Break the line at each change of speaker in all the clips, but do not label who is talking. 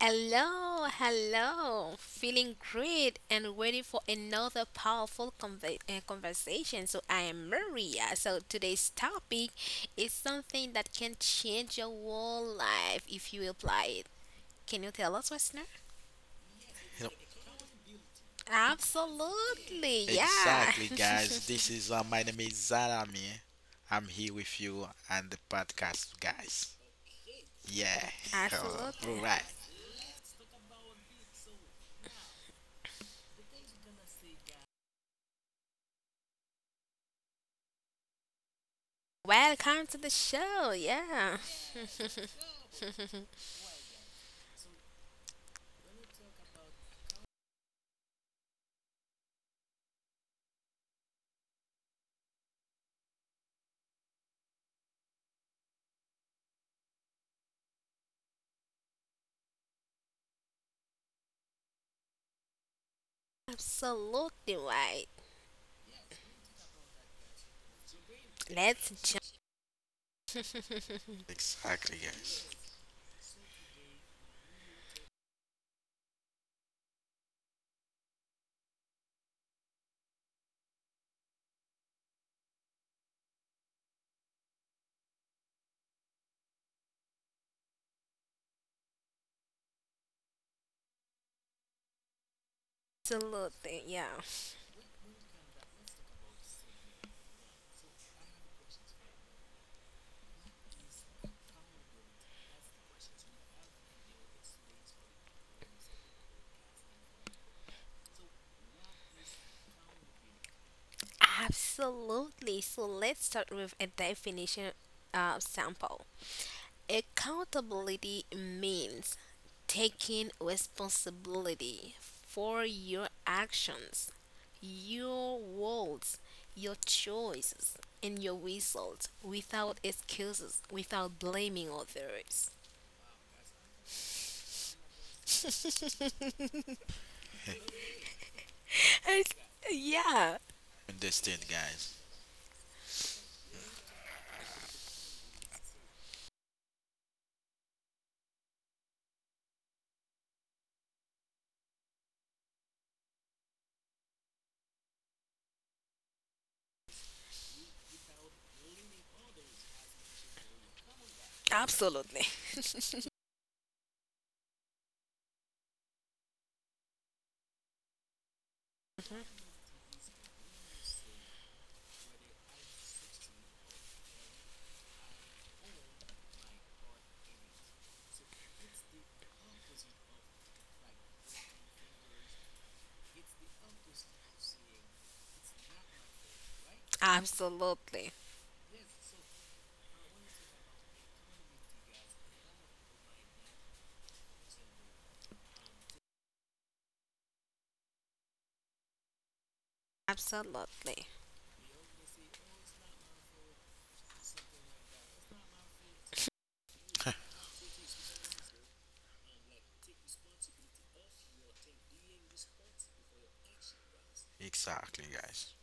Hello, hello. Feeling great and ready for another powerful conversation. I am Maria. So, today's topic is something that can change your whole life if you apply it. Can you tell us, listener?
You know,
Absolutely, yeah.
exactly, guys. This is my name is Zarami. I'm here with you and the podcast, guys. Yeah. Hello. All
Absolutely.
right.
Welcome to the show, yeah. Absolutely right. Let's jump.
Exactly, guys.
Absolutely, yeah. Absolutely. So let's start with a definition sample. Accountability means taking responsibility for your actions, your words, your choices, and your results without excuses, without blaming others. It's- yeah,
Understand, guys.
absolutely. Absolutely. Absolutely.
Exactly, guys.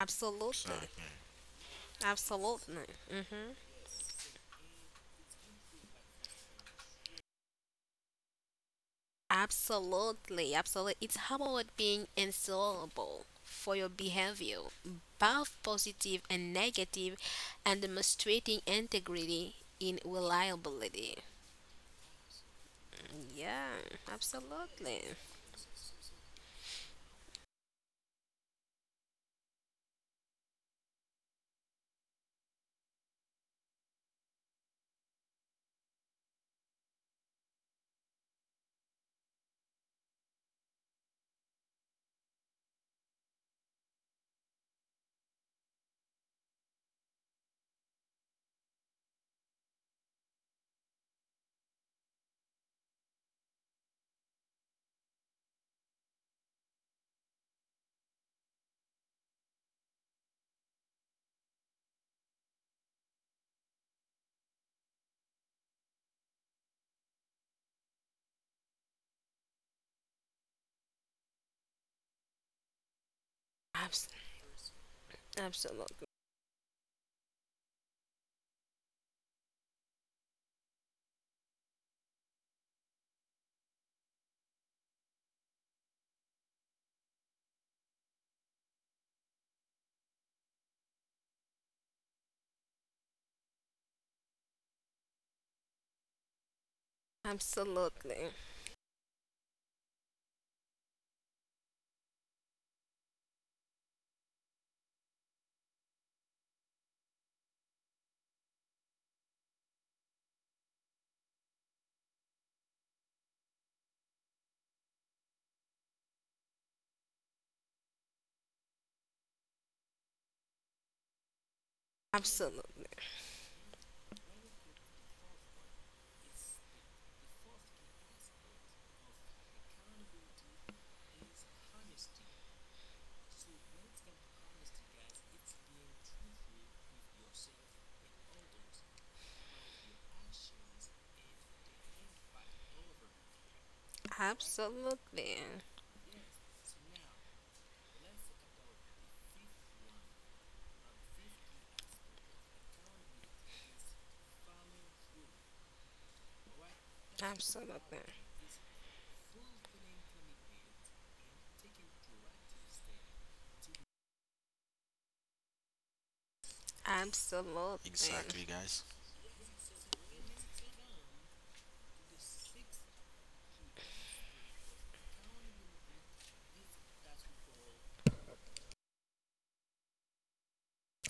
Absolutely.
Exactly.
Absolutely. Absolutely, absolutely. It's how about being answerable for your behavior, both positive and negative, and demonstrating integrity in reliability. Yeah, absolutely. Abs- Absolutely. Absolutely. Absolutely. Absolutely. Absolutely. Absolutely.
Exactly, guys.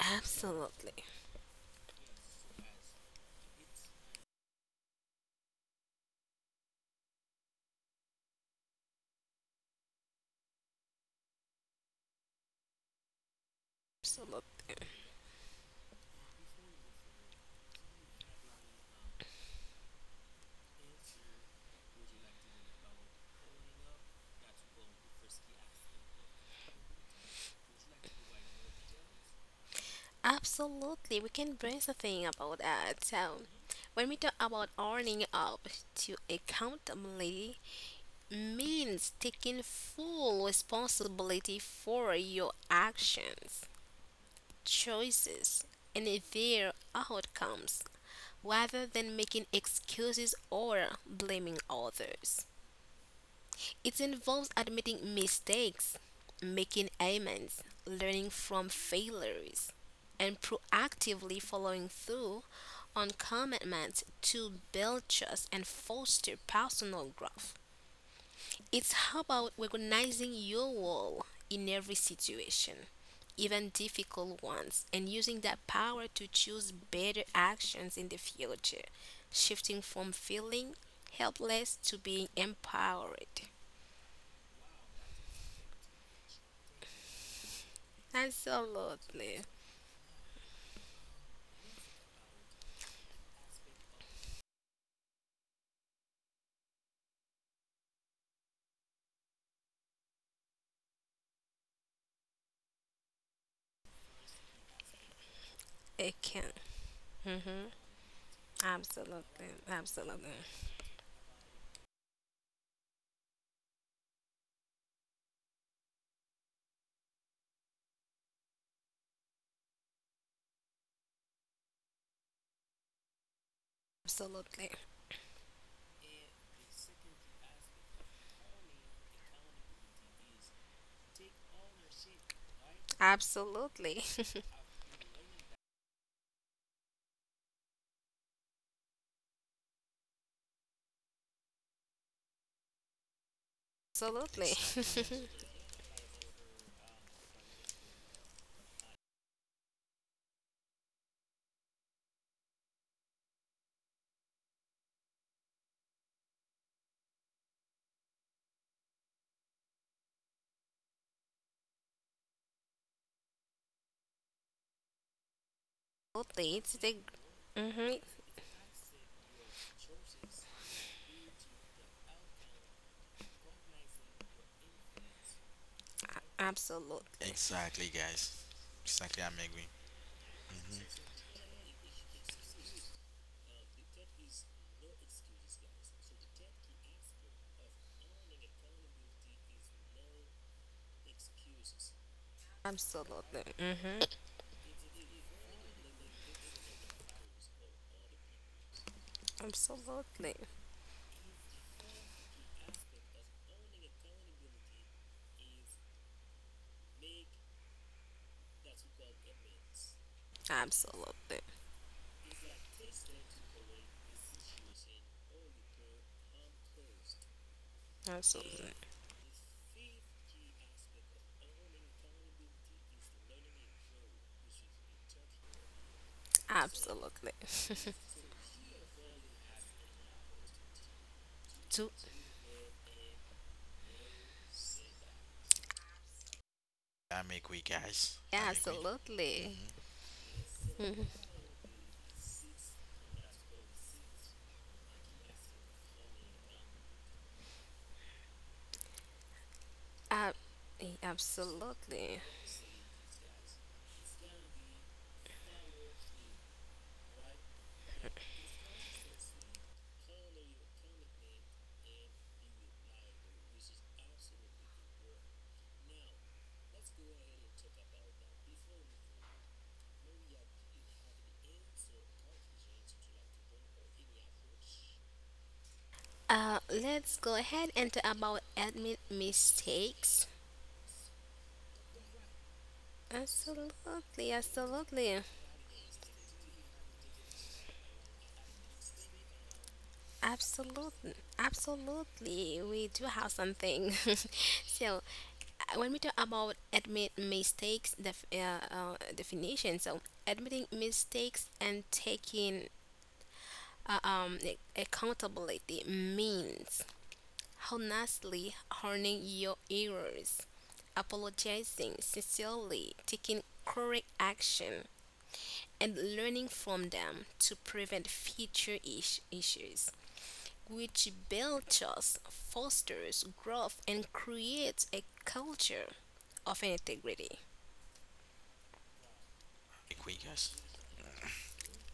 Absolutely. Absolutely. Absolutely, we can bring something about that. So, when we talk about owning up to accountability, means taking full responsibility for your actions, choices, and their outcomes, rather than making excuses or blaming others. It involves admitting mistakes, making amends, learning from failures, and proactively following through on commitments to build trust and foster personal growth. It's about recognizing your role in every situation, even difficult ones, and using that power to choose better actions in the future, shifting from feeling helpless to being empowered. Absolutely. It can. hmm Absolutely. Absolutely. Absolutely. Absolutely. Absolutely.
Exactly, guys.
Absolutely. It's the. Hmm Absolutely.
Exactly, guys. Exactly, I'm agree. hmm
Absolutely. Absolutely. Absolutely. Absolutely. Absolutely. to
I'm agree, guys.
yeah,
I'm agree.
absolutely.
Mm-hmm.
Mhm. Ab- Absolutely. Let's go ahead and talk about admin mistakes. Absolutely, absolutely, absolutely, absolutely. We do have something. So, when we talk about admit mistakes, definition. So, admitting mistakes and taking accountability means honestly owning your errors, apologizing sincerely, taking correct action, and learning from them to prevent future issues. Which belches, fosters growth, and creates a culture of integrity.
Agree, guys.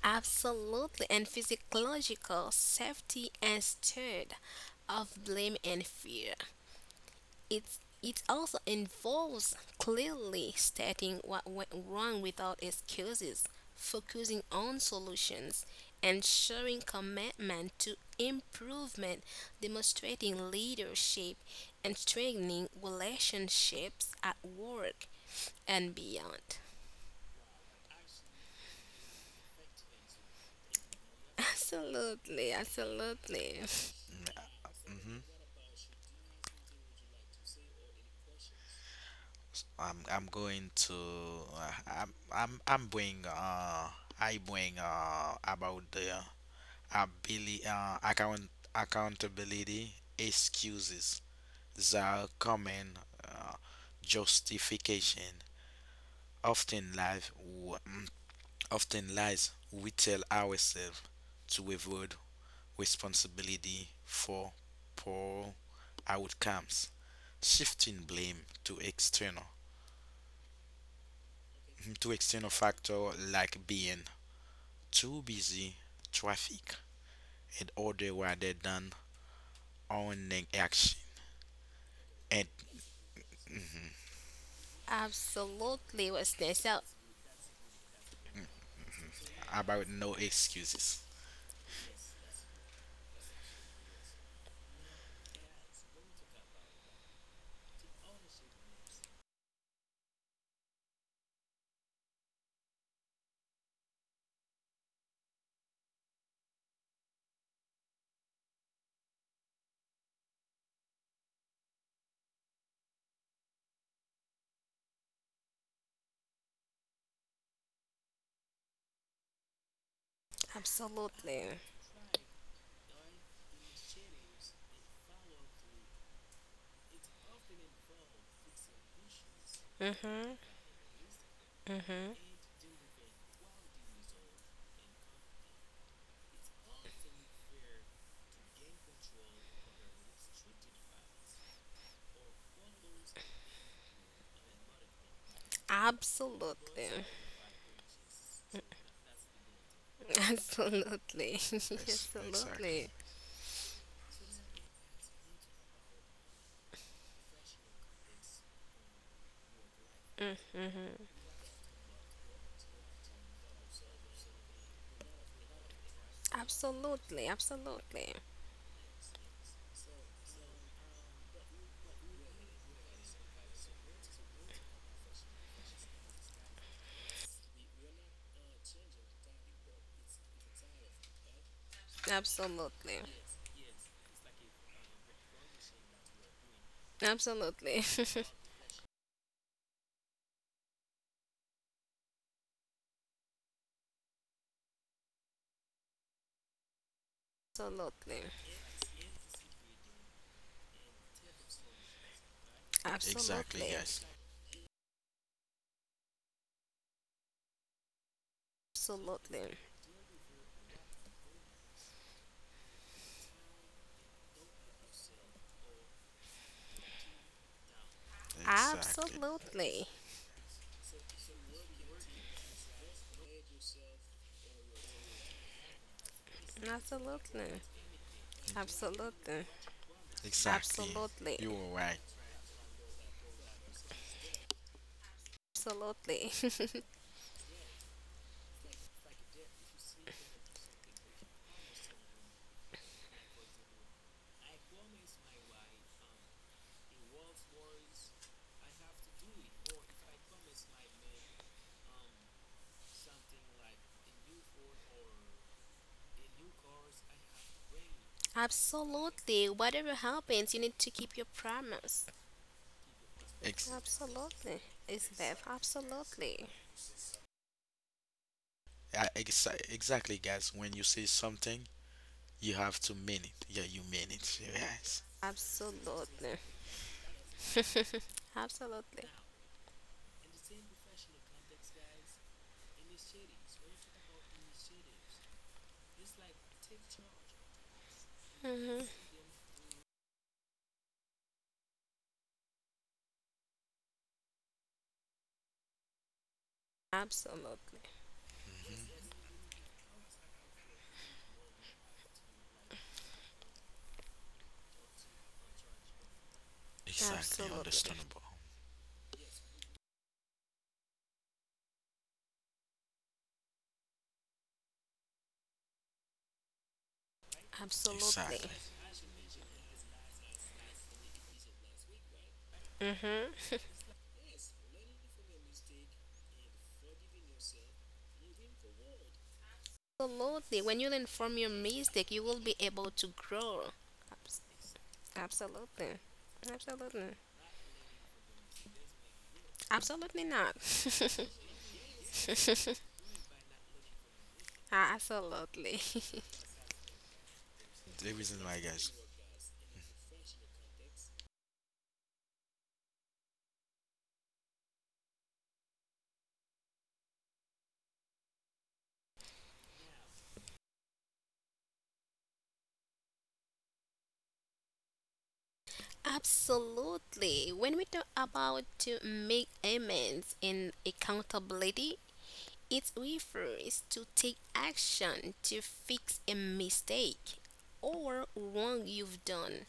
Absolutely, and physiological safety instead of blame and fear. it it also involves clearly stating what went wrong without excuses, focusing on solutions, and showing commitment to improvement, demonstrating leadership, and strengthening relationships at work and beyond. Absolutely, absolutely,
Mm-hmm. I'm going to I'm bring I bring about the ability accountability excuses, the common uh, justification often lies often lies we tell ourselves to avoid responsibility for poor outcomes, shifting blame to external factor like being too busy, traffic and order, rather than owning action, and
absolutely, Western. So,
about no excuses.
absolutely, hmm absolutely. Absolutely.
Yes,
Absolutely.
exactly.
Mm-hmm. Absolutely. Absolutely. Absolutely. Absolutely. Absolutely. Absolutely. Absolutely.
Exactly,
Absolutely.
guys. Exactly.
Absolutely. Absolutely. Absolutely.
Exactly. You are right.
Absolutely. Absolutely. Whatever happens, you need to keep your promise.
Ex-
Absolutely. It's Bev. Absolutely.
exactly, guys. When you say something, you have to mean it. Yeah, you mean it. Yes.
Absolutely. Absolutely. hmm Absolutely.
hmm Exactly.
Absolutely.
Understandable.
Absolutely.
Exactly.
Mm-hmm. Absolutely. When you learn from your mistake, you will be able to grow. Abs- Absolutely. Absolutely. Absolutely not. Absolutely.
The reason why, guys.
Absolutely. When we talk about to make amends and accountability, it refers to take action to fix a mistake or wrong you've done.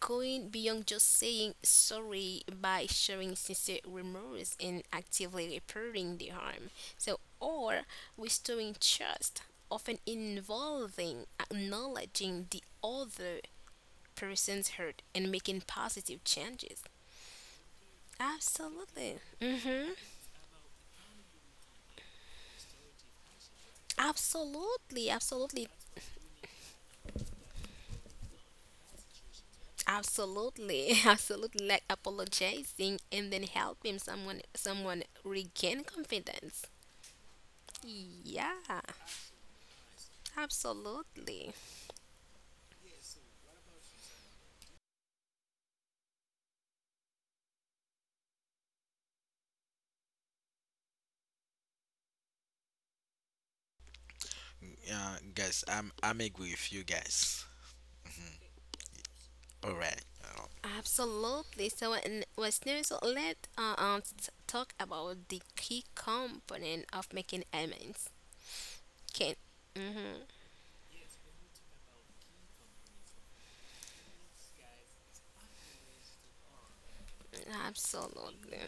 Going beyond just saying sorry by showing sincere remorse and actively repairing the harm. So, or restoring trust, often involving acknowledging the other person's hurt and making positive changes. Absolutely. Mm-hmm. Absolutely. Absolutely. Absolutely. Absolutely. Like apologizing and then helping someone regain confidence. Yeah. Absolutely,
Yeah, guys, I'm agree with you guys. All right.
absolutely. So, and what's new? So let talk about the key component of making elements. Can mm-hmm. Absolutely,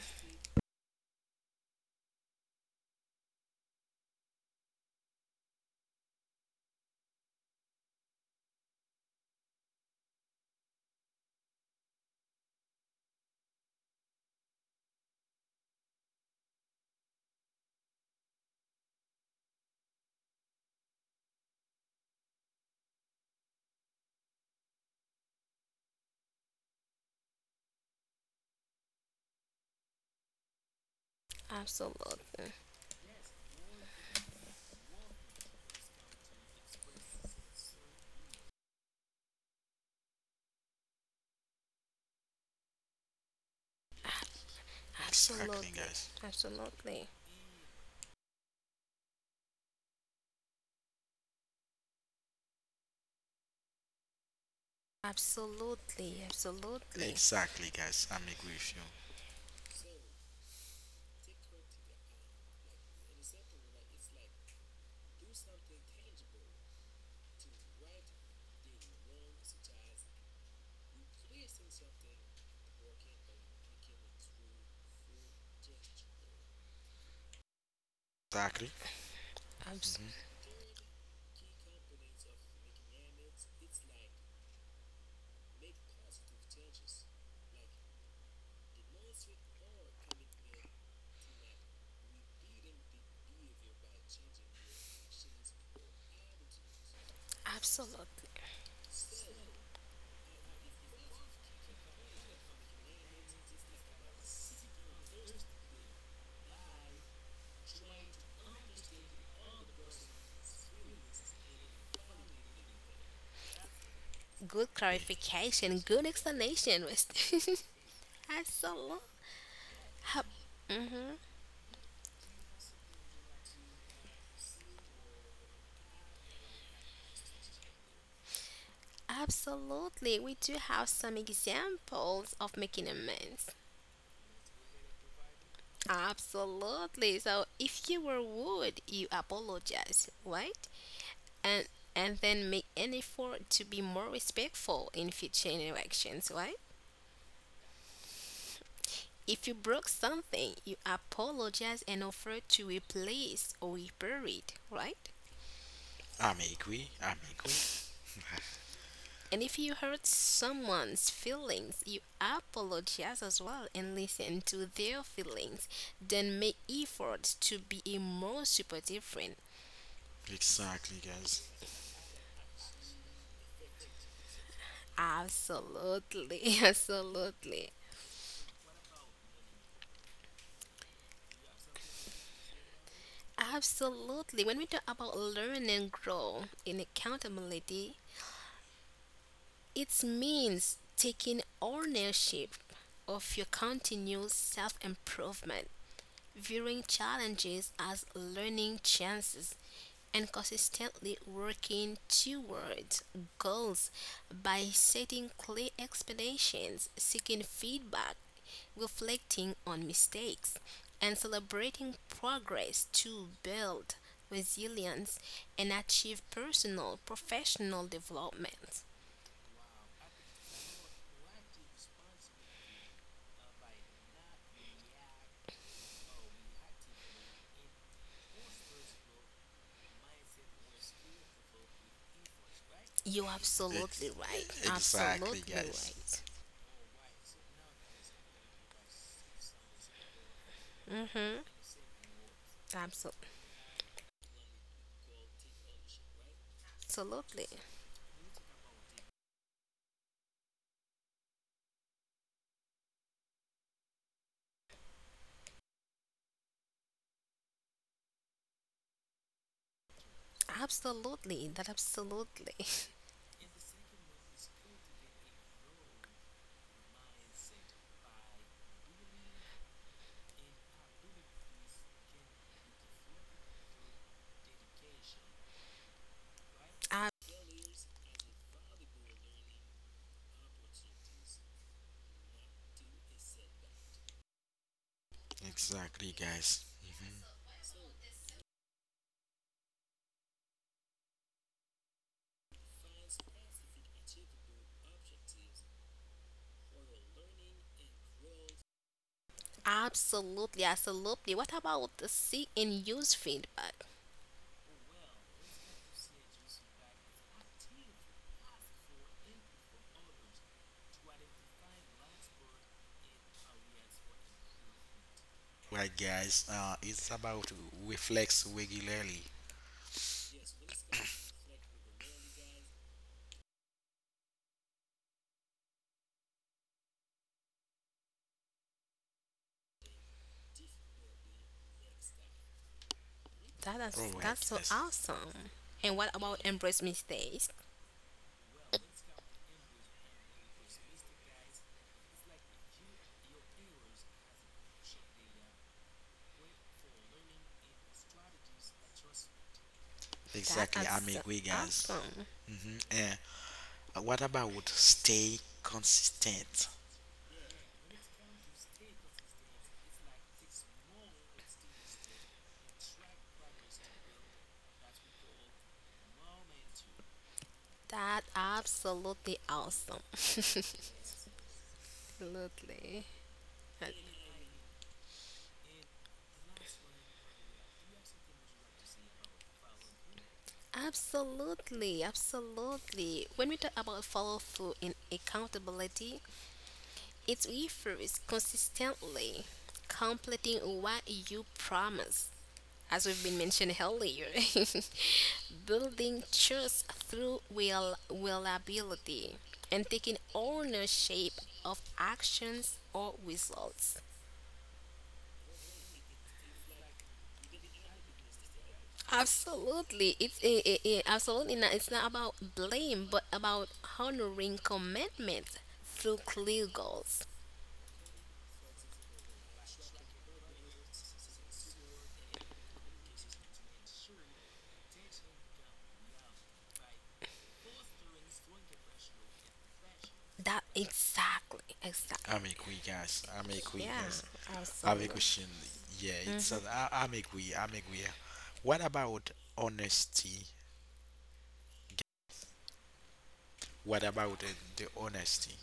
absolutely,
Exactly,
absolutely,
guys.
absolutely, absolutely, absolutely,
Exactly, guys. I'm agree with you. Exactly.
abs-
Mm-hmm.
absolutely. Good clarification, good explanation, West. Absolutely. Absolutely. We do have some examples of making amends. Absolutely. So if you were rude, you apologize, right? And and then make an effort to be more respectful in future interactions, right? If you broke something, you apologize and offer to replace or repair it, right?
I'm agree. I'm agree.
And if you hurt someone's feelings, you apologize as well and listen to their feelings. Then make efforts to be a more supportive friend.
Exactly, guys.
Absolutely, absolutely, absolutely. When we talk about learn and grow in accountability, it means taking ownership of your continuous self improvement, viewing challenges as learning chances, and consistently working towards goals by setting clear expectations, seeking feedback, reflecting on mistakes, and celebrating progress to build resilience and achieve personal professional development. You're absolutely
Ex-
right.
exactly,
Absolutely
guys.
right. Mm-hmm. Absolutely. Absolutely. Absolutely. That absolutely.
Exactly, guys. Mhm.
Absolutely, absolutely. What about the see and use feedback?
Right, guys. It's about reflex regularly.
That
All
is
right,
that's so
guys.
awesome. And what about embrace mistakes? That
Exactly.
is
I'm
so
agree, guys.
awesome.
Mm-hmm. And what about stay consistent?
That absolutely awesome. Absolutely. Absolutely, absolutely. When we talk about follow through and accountability, it refers consistently completing what you promise as we've been mentioned earlier, building trust through willability and taking ownership of actions or results. Absolutely, it's it, it, it- absolutely not. It's not about blame, but about honoring commitments through clear goals. That exactly,
I'm
exactly.
agree, guys. I'm agree,
Yeah,
guys. I have a
absolutely.
question. Yeah, it's I'm agree. I'm agree. What about honesty? What about the honesty?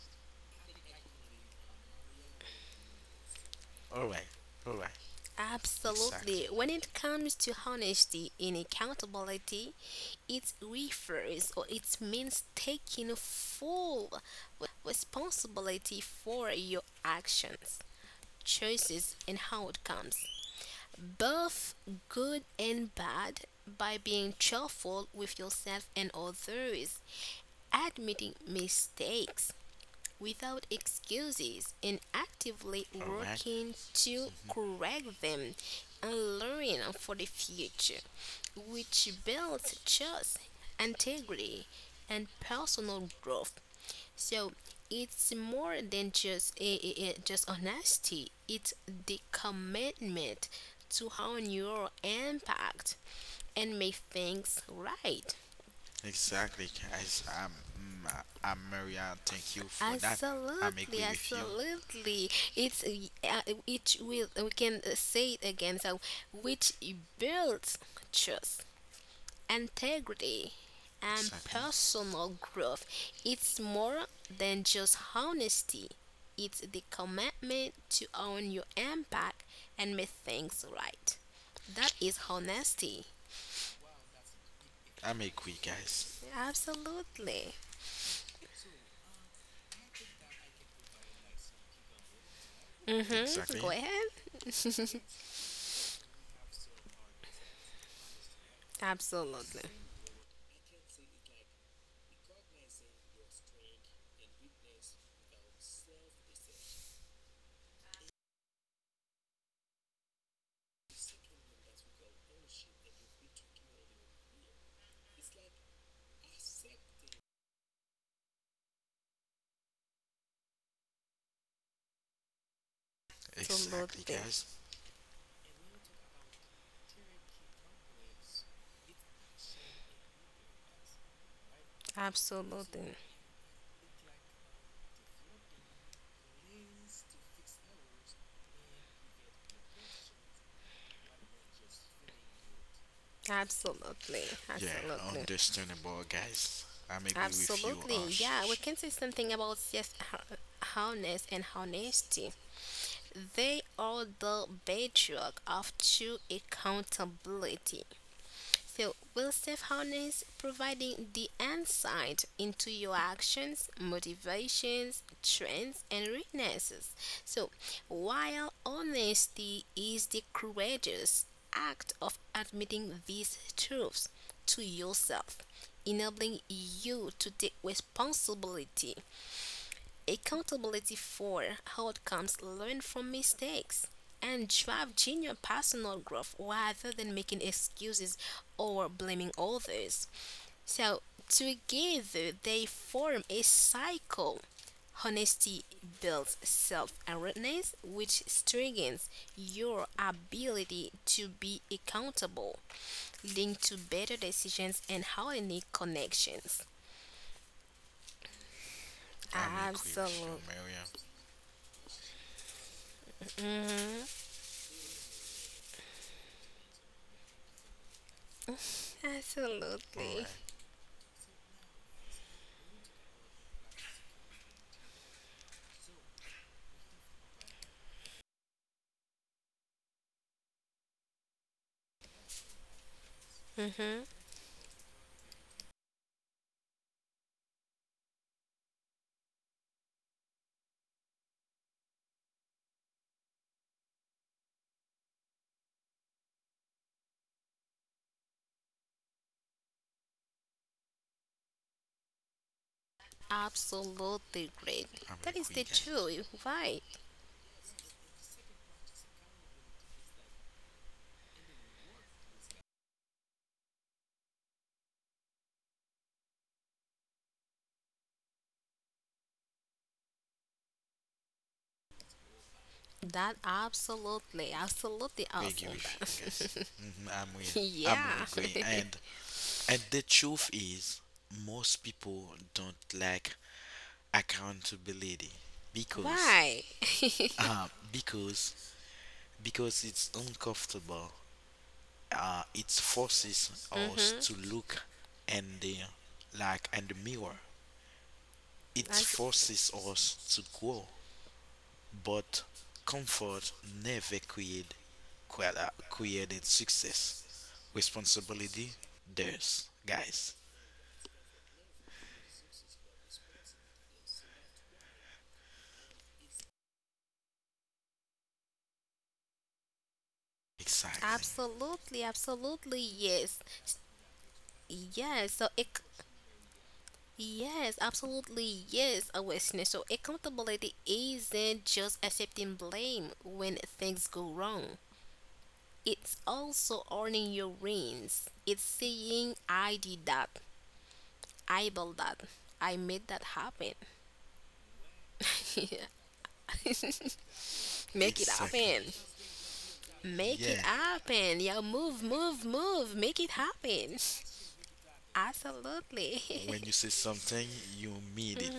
All right. All right. Exactly.
Absolutely. When it comes to honesty and accountability, it refers or it means taking full responsibility for your actions, choices, and outcomes, both good and bad, by being truthful with yourself and others, admitting mistakes, without excuses and actively
All right.
working to correct them and learn for the future, which builds trust, integrity, and personal growth. So it's more than just just honesty. It's the commitment to hone your impact and make things right.
Exactly, guys. Mm, I- I'm Maria. Thank you for that. I'm
Absolutely,
agree with you.
absolutely. It will we can say it again. So, which builds trust, integrity, and
Exactly.
personal growth. It's more than just honesty. It's the commitment to own your impact and make things right. That is honesty.
I'm agree, guys.
Absolutely. Mhm. Go
Exactly.
ahead. Absolutely.
Exactly,
Absolutely.
guys.
Absolutely. Absolutely,
Yeah,
absolutely,
understandable, guys. I'm agree with you,
absolutely. Yeah, we
Ash.
can say something about yes, honest and honesty. They are the bedrock of true accountability. So, will self harness providing the insight into your actions, motivations, trends, and weaknesses. So, while honesty is the courageous act of admitting these truths to yourself, enabling you to take responsibility accountability for outcomes, learn from mistakes, and drive genuine personal growth rather than making excuses or blaming others. So, together they form a cycle. Honesty builds self awareness, which strengthens your ability to be accountable, linked to better decisions and healthy connections.
I'm agree with you,
Absolutely.
Maria.
Mhm. Absolutely.
Alright,
hmm Absolutely great.
I'm
That is
agree,
the
guys.
truth. Right. That absolutely, absolutely
Agree
awesome.
with you, guys.
That.
hmm I'm re- I'm really
Yeah.
agree. And the truth is, most people don't like accountability because
Why?
um because because it's uncomfortable. It forces us
Mm-hmm.
to look and the like in the mirror. It
As
forces us to grow, but comfort never create created success. Responsibility does, guys. Exactly.
absolutely, absolutely yes, yes. So it, yes, absolutely yes. Awareness. So accountability isn't just accepting blame when things go wrong. It's also owning your wins. It's saying, I did that. I built that. I made that happen. Make it
Exactly.
happen. Make
Yeah.
it happen. Yeah, move, move, move. Make it happen. Absolutely.
When you say something, you mean it.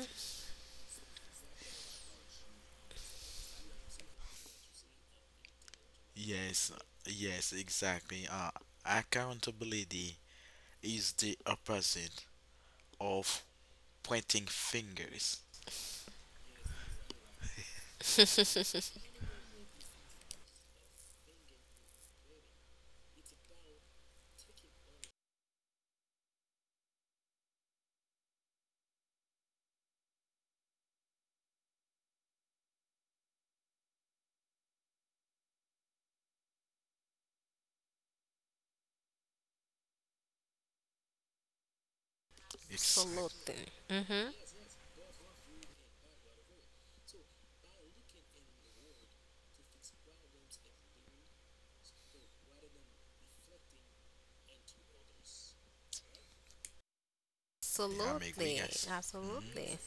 Yes. Yes. Exactly. Accountability is the opposite of pointing fingers. Exactly.
Absolutely. Mm-hmm.
I'm agree,
Absolutely.
guys. hmm
Absolutely.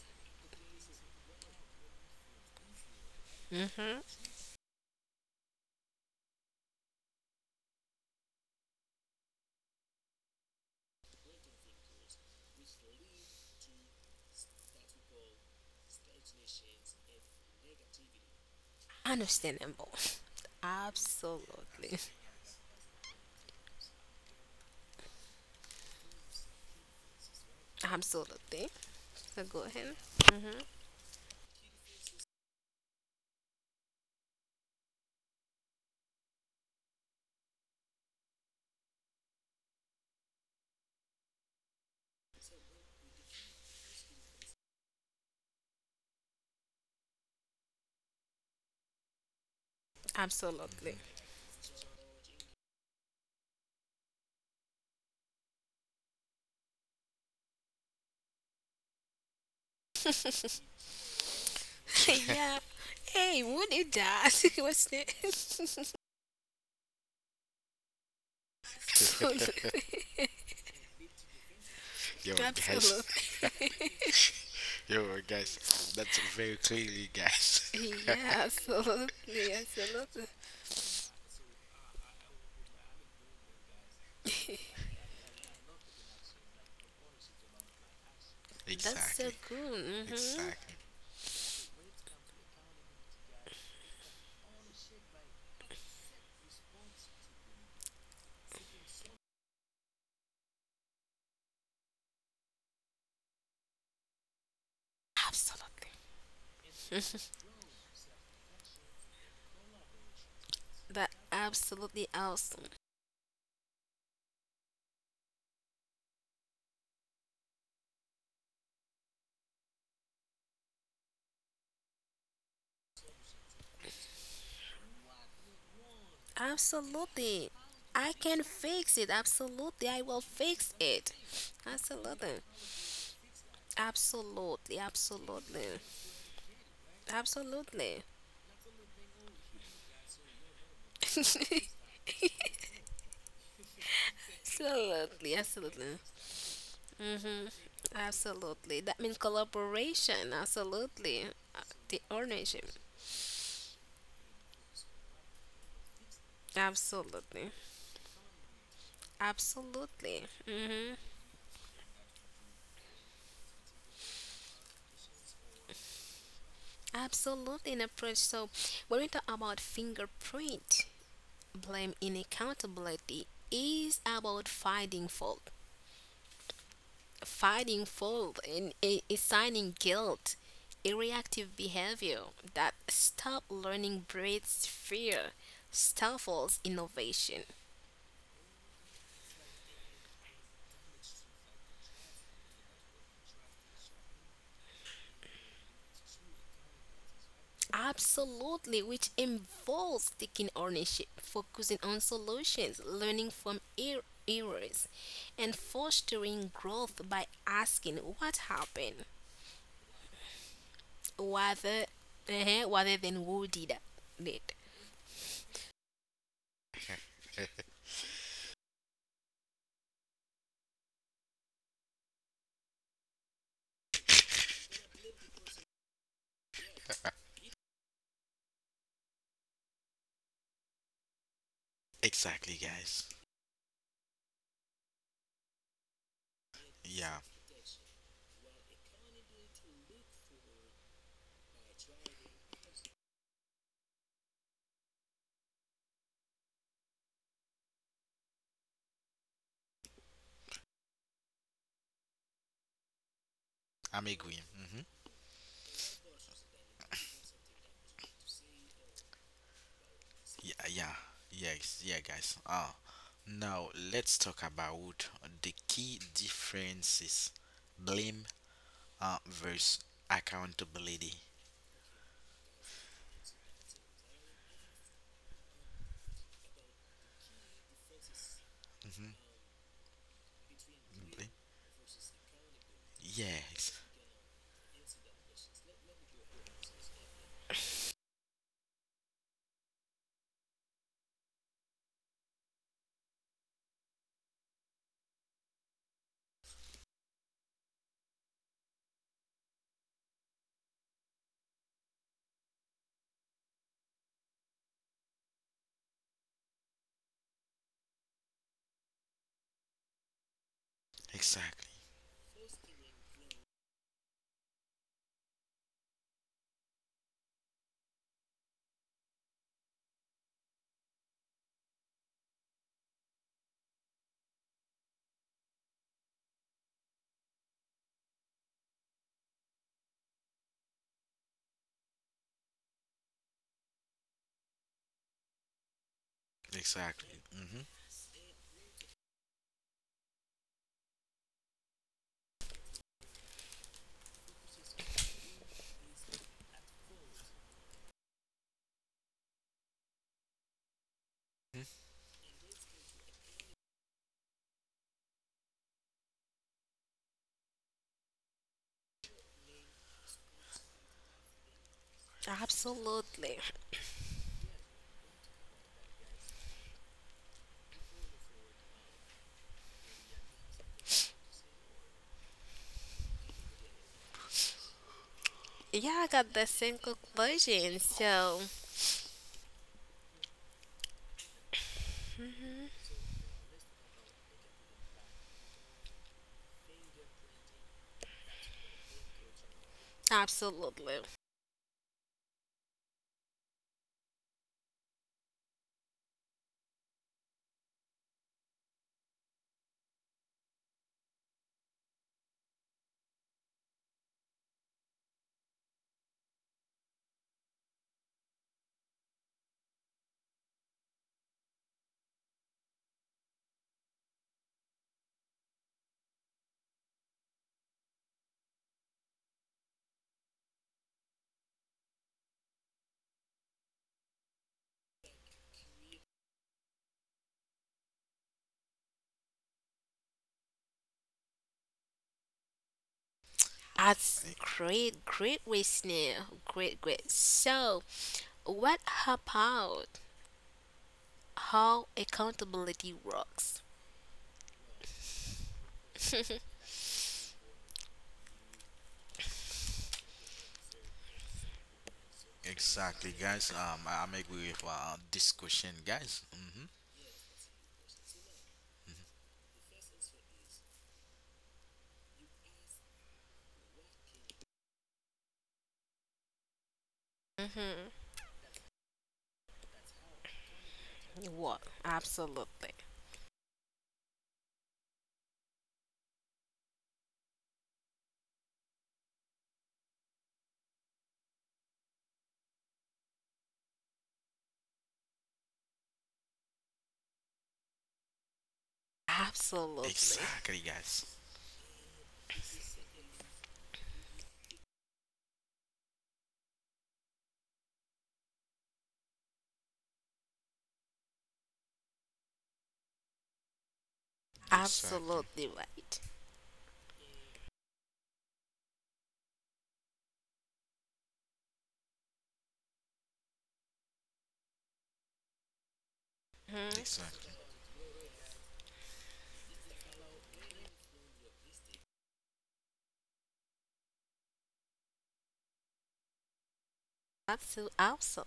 Mm-hmm. Understandable. Absolutely. Absolutely. So go ahead. Mm-hmm. Absolutely.
hmm
Yeah. Hey, who did that? What's it? Absolutely.
Yo, guys.
Absolutely.
Yo, guys. That's very clearly, guys.
Yeah, absolutely. Absolutely. That's so
Exactly.
good. Mm-hmm.
Exactly.
Absolutely. That absolutely awesome. Absolutely. I can fix it. Absolutely. I will fix it. Absolutely. Absolutely. Absolutely. Absolutely. Absolutely. Absolutely. Mm-hmm. Absolutely. That means collaboration. Absolutely. Uh, The ownership. Absolutely. Absolutely. Mm-hmm. Absolutely an approach. So when we talk about fingerprint, blame in accountability is about finding fault. Fighting fault and assigning guilt, a reactive behavior that stop learning breeds fear, stifles innovation. Absolutely, which involves taking ownership, focusing on solutions, learning from errors, and fostering growth by asking what happened rather, rather than who did it.
Exactly, guys. Yeah, I'm agree. Yeah, yeah. Yes, yeah, guys. Ah, now let's talk about the key differences: blame versus accountability. Mm-hmm. Yes, exactly, exactly. Mm-hmm.
Absolutely. Yeah, I got the same conclusion. So, absolutely. That's
E-,
great, great listener. Great, great. So, what about how accountability works?
Exactly, guys. I'm agree with this question, guys. Mm-hmm.
Mm-hmm. What? Absolutely. Absolutely.
Exactly, guys. Exactly,
Absolutely right. Mm-hmm.
exactly.
That's so awesome.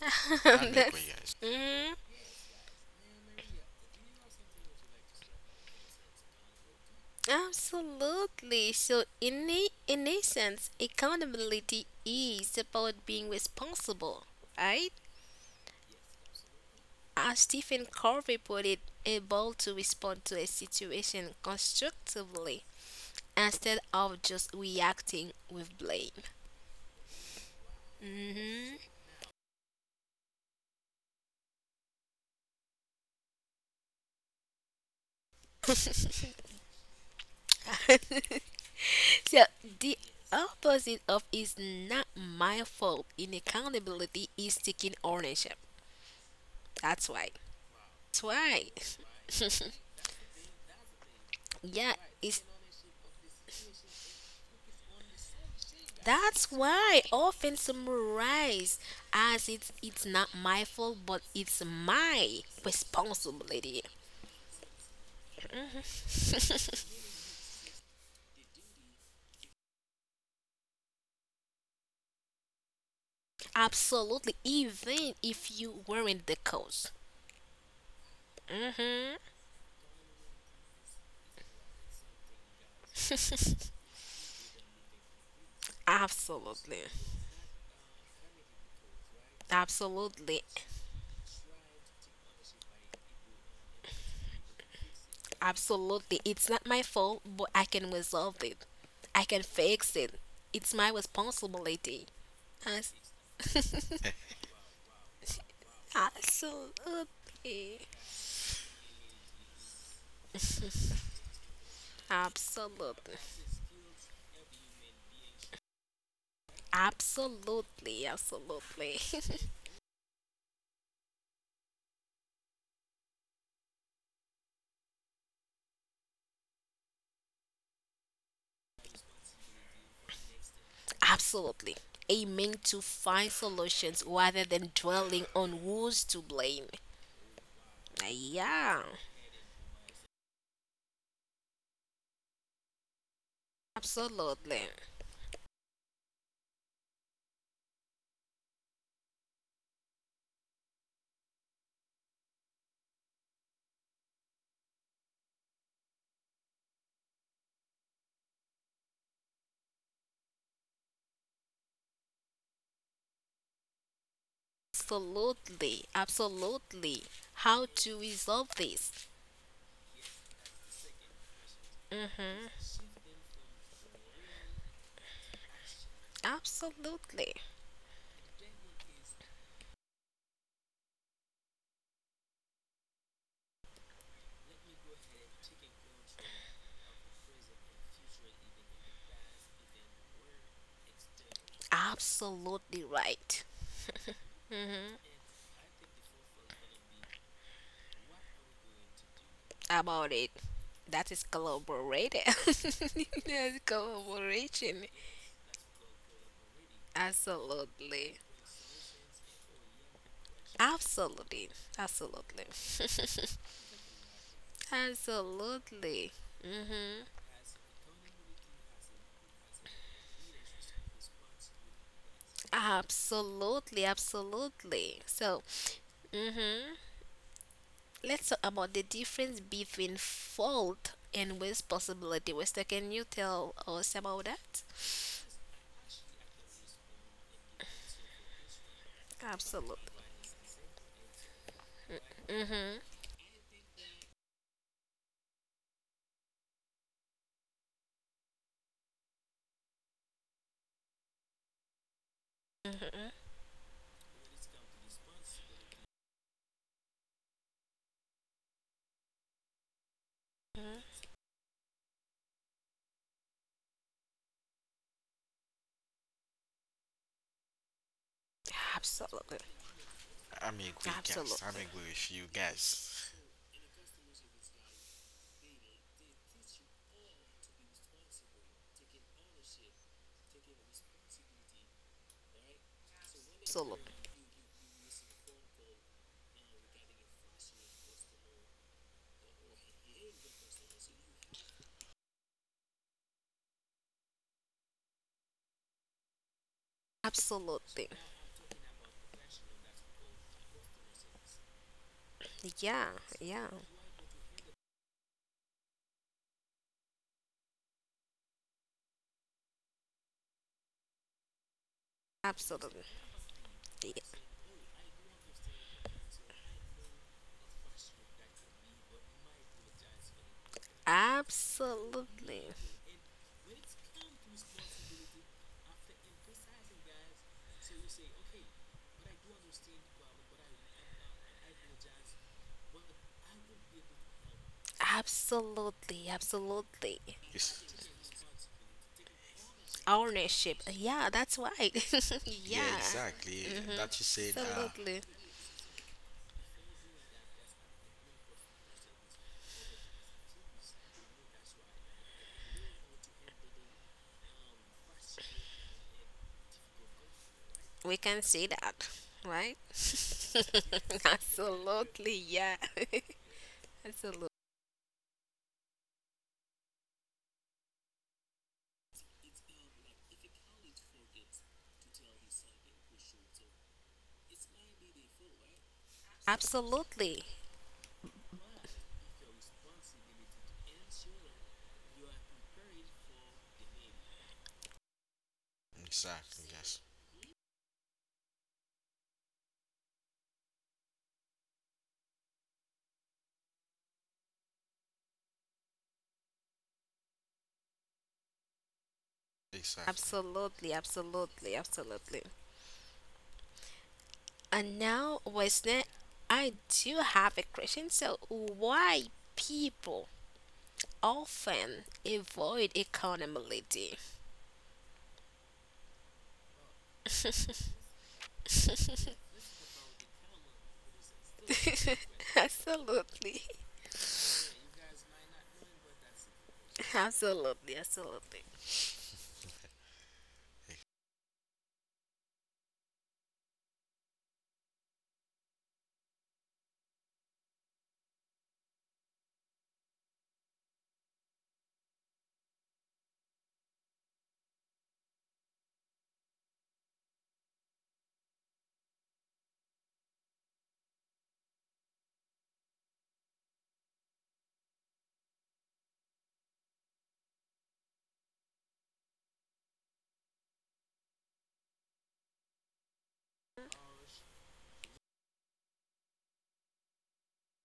I'm agree,
That's
guys.
mm, absolutely. So, in a sense, accountability is about being responsible, right? As Stephen Covey put it, able to respond to a situation constructively instead of just reacting with blame. Mm-hmm. So the opposite of is not my fault in accountability is taking ownership. That's why. That's why. Yeah, it's that's why often summarized as it's not my fault but it's my responsibility. Mhm. Absolutely, even if you weren't the because hmm Absolutely. Absolutely. Absolutely. It's not my fault, but I can resolve it. I can fix it. It's my responsibility. As- Absolutely. Absolutely. Absolutely. Absolutely. Absolutely. Aiming to find solutions rather than dwelling on who's to blame. Yeah. Absolutely. Absolutely. Absolutely. How to resolve this? Mm, absolutely. Absolutely right about it. That is collaborated. That's collaboration. Absolutely. Absolutely. Absolutely. Absolutely. Mm-hmm. Absolutely. Absolutely. So, mm-hmm. Let's talk about the difference between fault and responsibility. Wester, can you tell us about that? Absolutely. Mm-hmm. Mm-hmm. Mm-hmm. Absolutely.
I'm agree, guys. I'm
Absolutely.
agree with you, guys.
Absolutely. Absolutely. Yeah. Yeah. Absolutely. Yeah, absolutely. Absolutely. Absolutely.
Yes.
Ownership. Yeah, that's right.
Yeah,
Yeah.
exactly.
Mm-hmm.
That you said.
Absolutely. We can see that, right? Absolutely. Yeah. Absolutely. Absolutely.
Exactly, guys. Exactly.
Absolutely. Absolutely. Absolutely. And now, listener, I do have a question. So, why people often avoid accountability? Absolutely, absolutely, absolutely,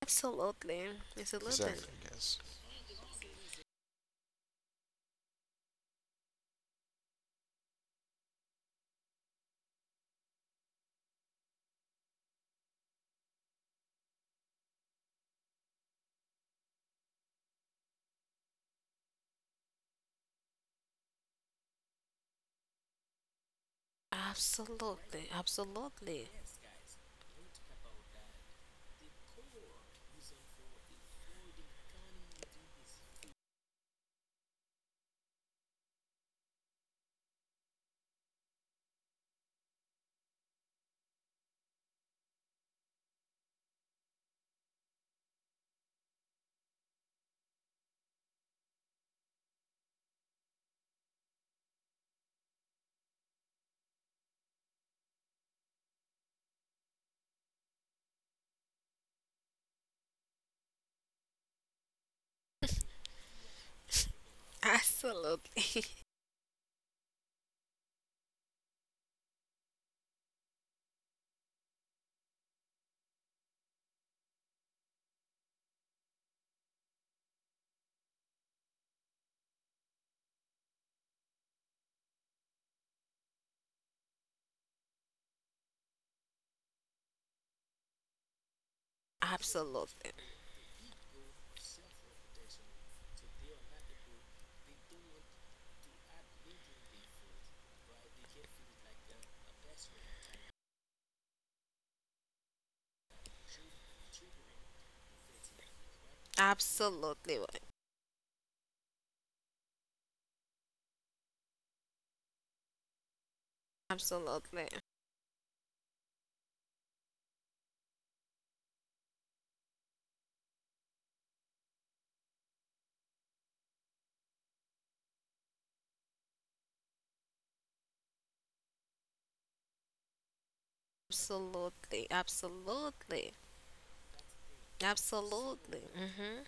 absolutely, absolutely,
Exactly, guys.
absolutely, absolutely, absolutely, absolutely, absolutely, right. Absolutely, absolutely, absolutely, absolutely.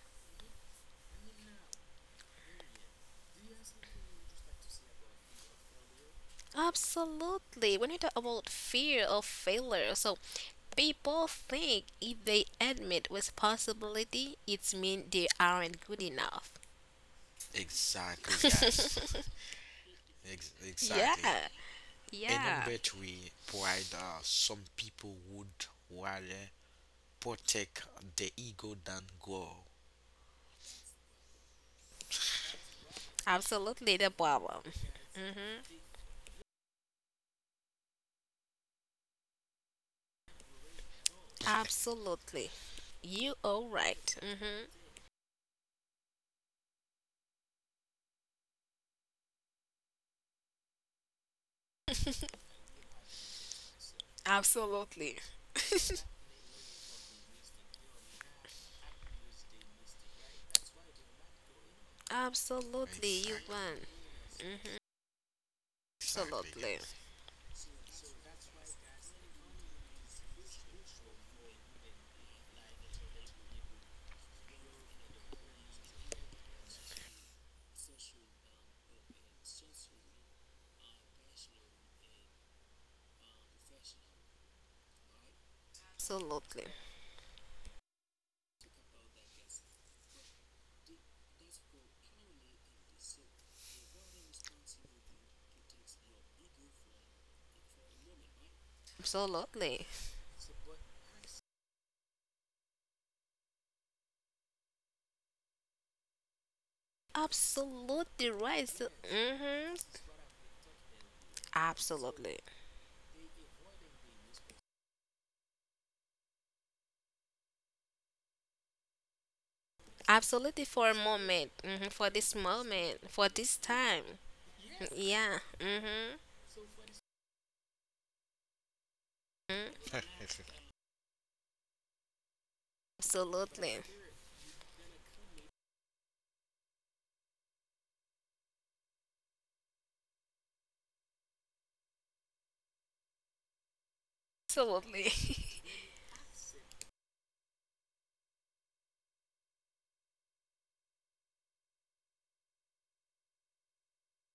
Absolutely. When we talk about fear of failure, so people think if they admit with possibility, it means they aren't good enough.
Exactly, guys.
Yeah,
Exactly. And
yeah,
number three, pride. Some people would rather protect the ego than grow.
absolutely the problem. hmm Absolutely. You all right. Mm-hmm. Absolutely. Absolutely, you
Exactly.
won. hmm
Exactly,
Absolutely. Absolutely. Absolutely. Absolutely right. So, Mm-hmm. Absolutely. Absolutely for a moment. For this moment. For this time. Yeah.
guys.
Absolutely. Absolutely.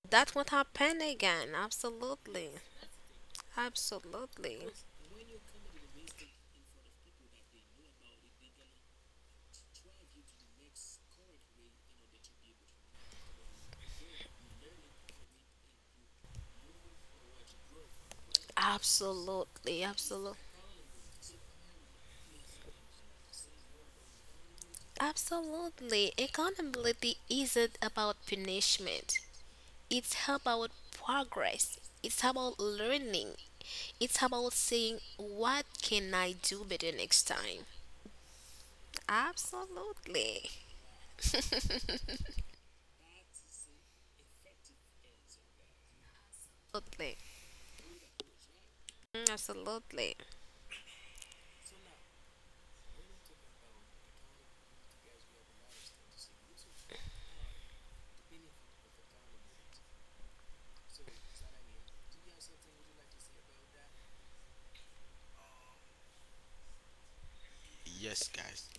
That won't happen again. Absolutely. Absolutely. Absolutely. Absolutely. Absolutely. Accountability isn't about punishment. It's about progress. It's about learning. It's about saying, what can I do better next time? Absolutely. Absolutely. Mm, absolutely.
Yes, guys.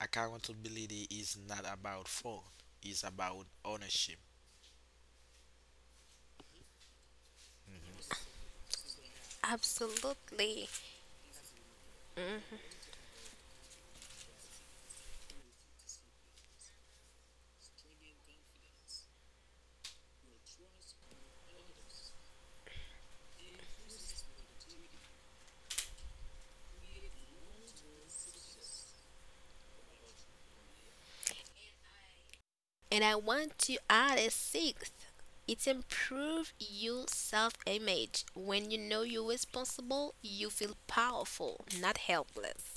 Accountability is not about fault. It's about ownership.
Absolutely. Mhm. And I want to add a sixth. It improves your self image. When you know you're responsible, you feel powerful, not helpless.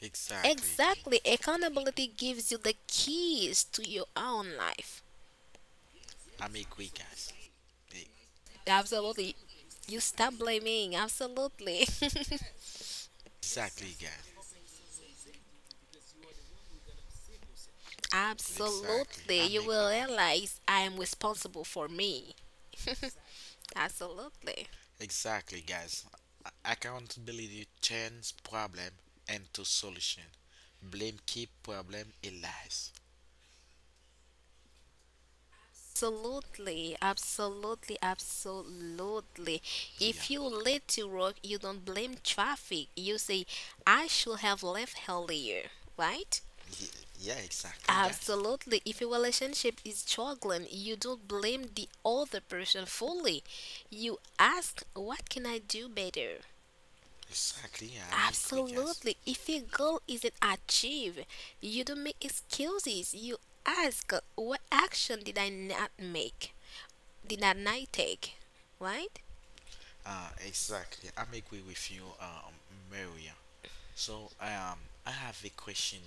Exactly,
Exactly.
guys.
Accountability gives you the keys to your own life.
I'm a quick guys.
Absolutely. You stop blaming. Absolutely.
Exactly, guys. Exactly.
Absolutely.
I'm
You
a
will
quick.
realize I am responsible for me. Absolutely.
Exactly, guys. Accountability turns problem into solution. Blame keep problem alive.
Absolutely, absolutely, absolutely.
Yeah.
If you late to work, you don't blame traffic. You say, I should have left earlier, right?
Ye- Yeah, exactly, guys.
Absolutely. If your relationship is struggling, you don't blame the other person fully. You ask, what can I do better?
Exactly. Yeah, I'm agree, guys.
Absolutely. If your goal isn't achieved, you don't make excuses. You ask, what action did I not make? Did I not take? Right?
Exactly. I'm agree with you, Maria. So, I have a question,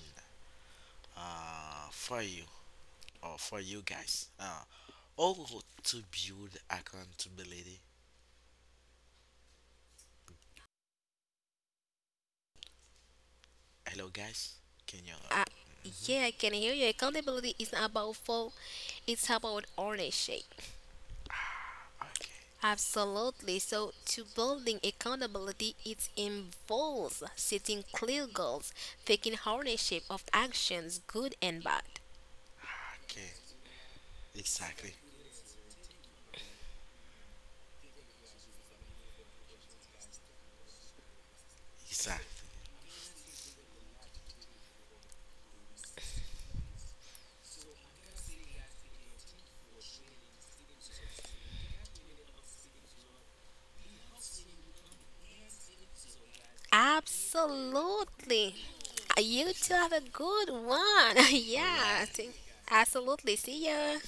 for you or for you guys. How to build accountability. Hello, guys. Can you?
Uh,
Mhm.
yeah, I can hear you. Accountability is not about fault, it's about ownership.
Ah, okay.
Absolutely. So, to building accountability, it involves setting clear goals, taking ownership of actions, good and bad.
Okay. Exactly. Exactly. Yeah.
Absolutely. You too have a
Exactly.
good one.
All
Yeah,
right.
absolutely. See ya.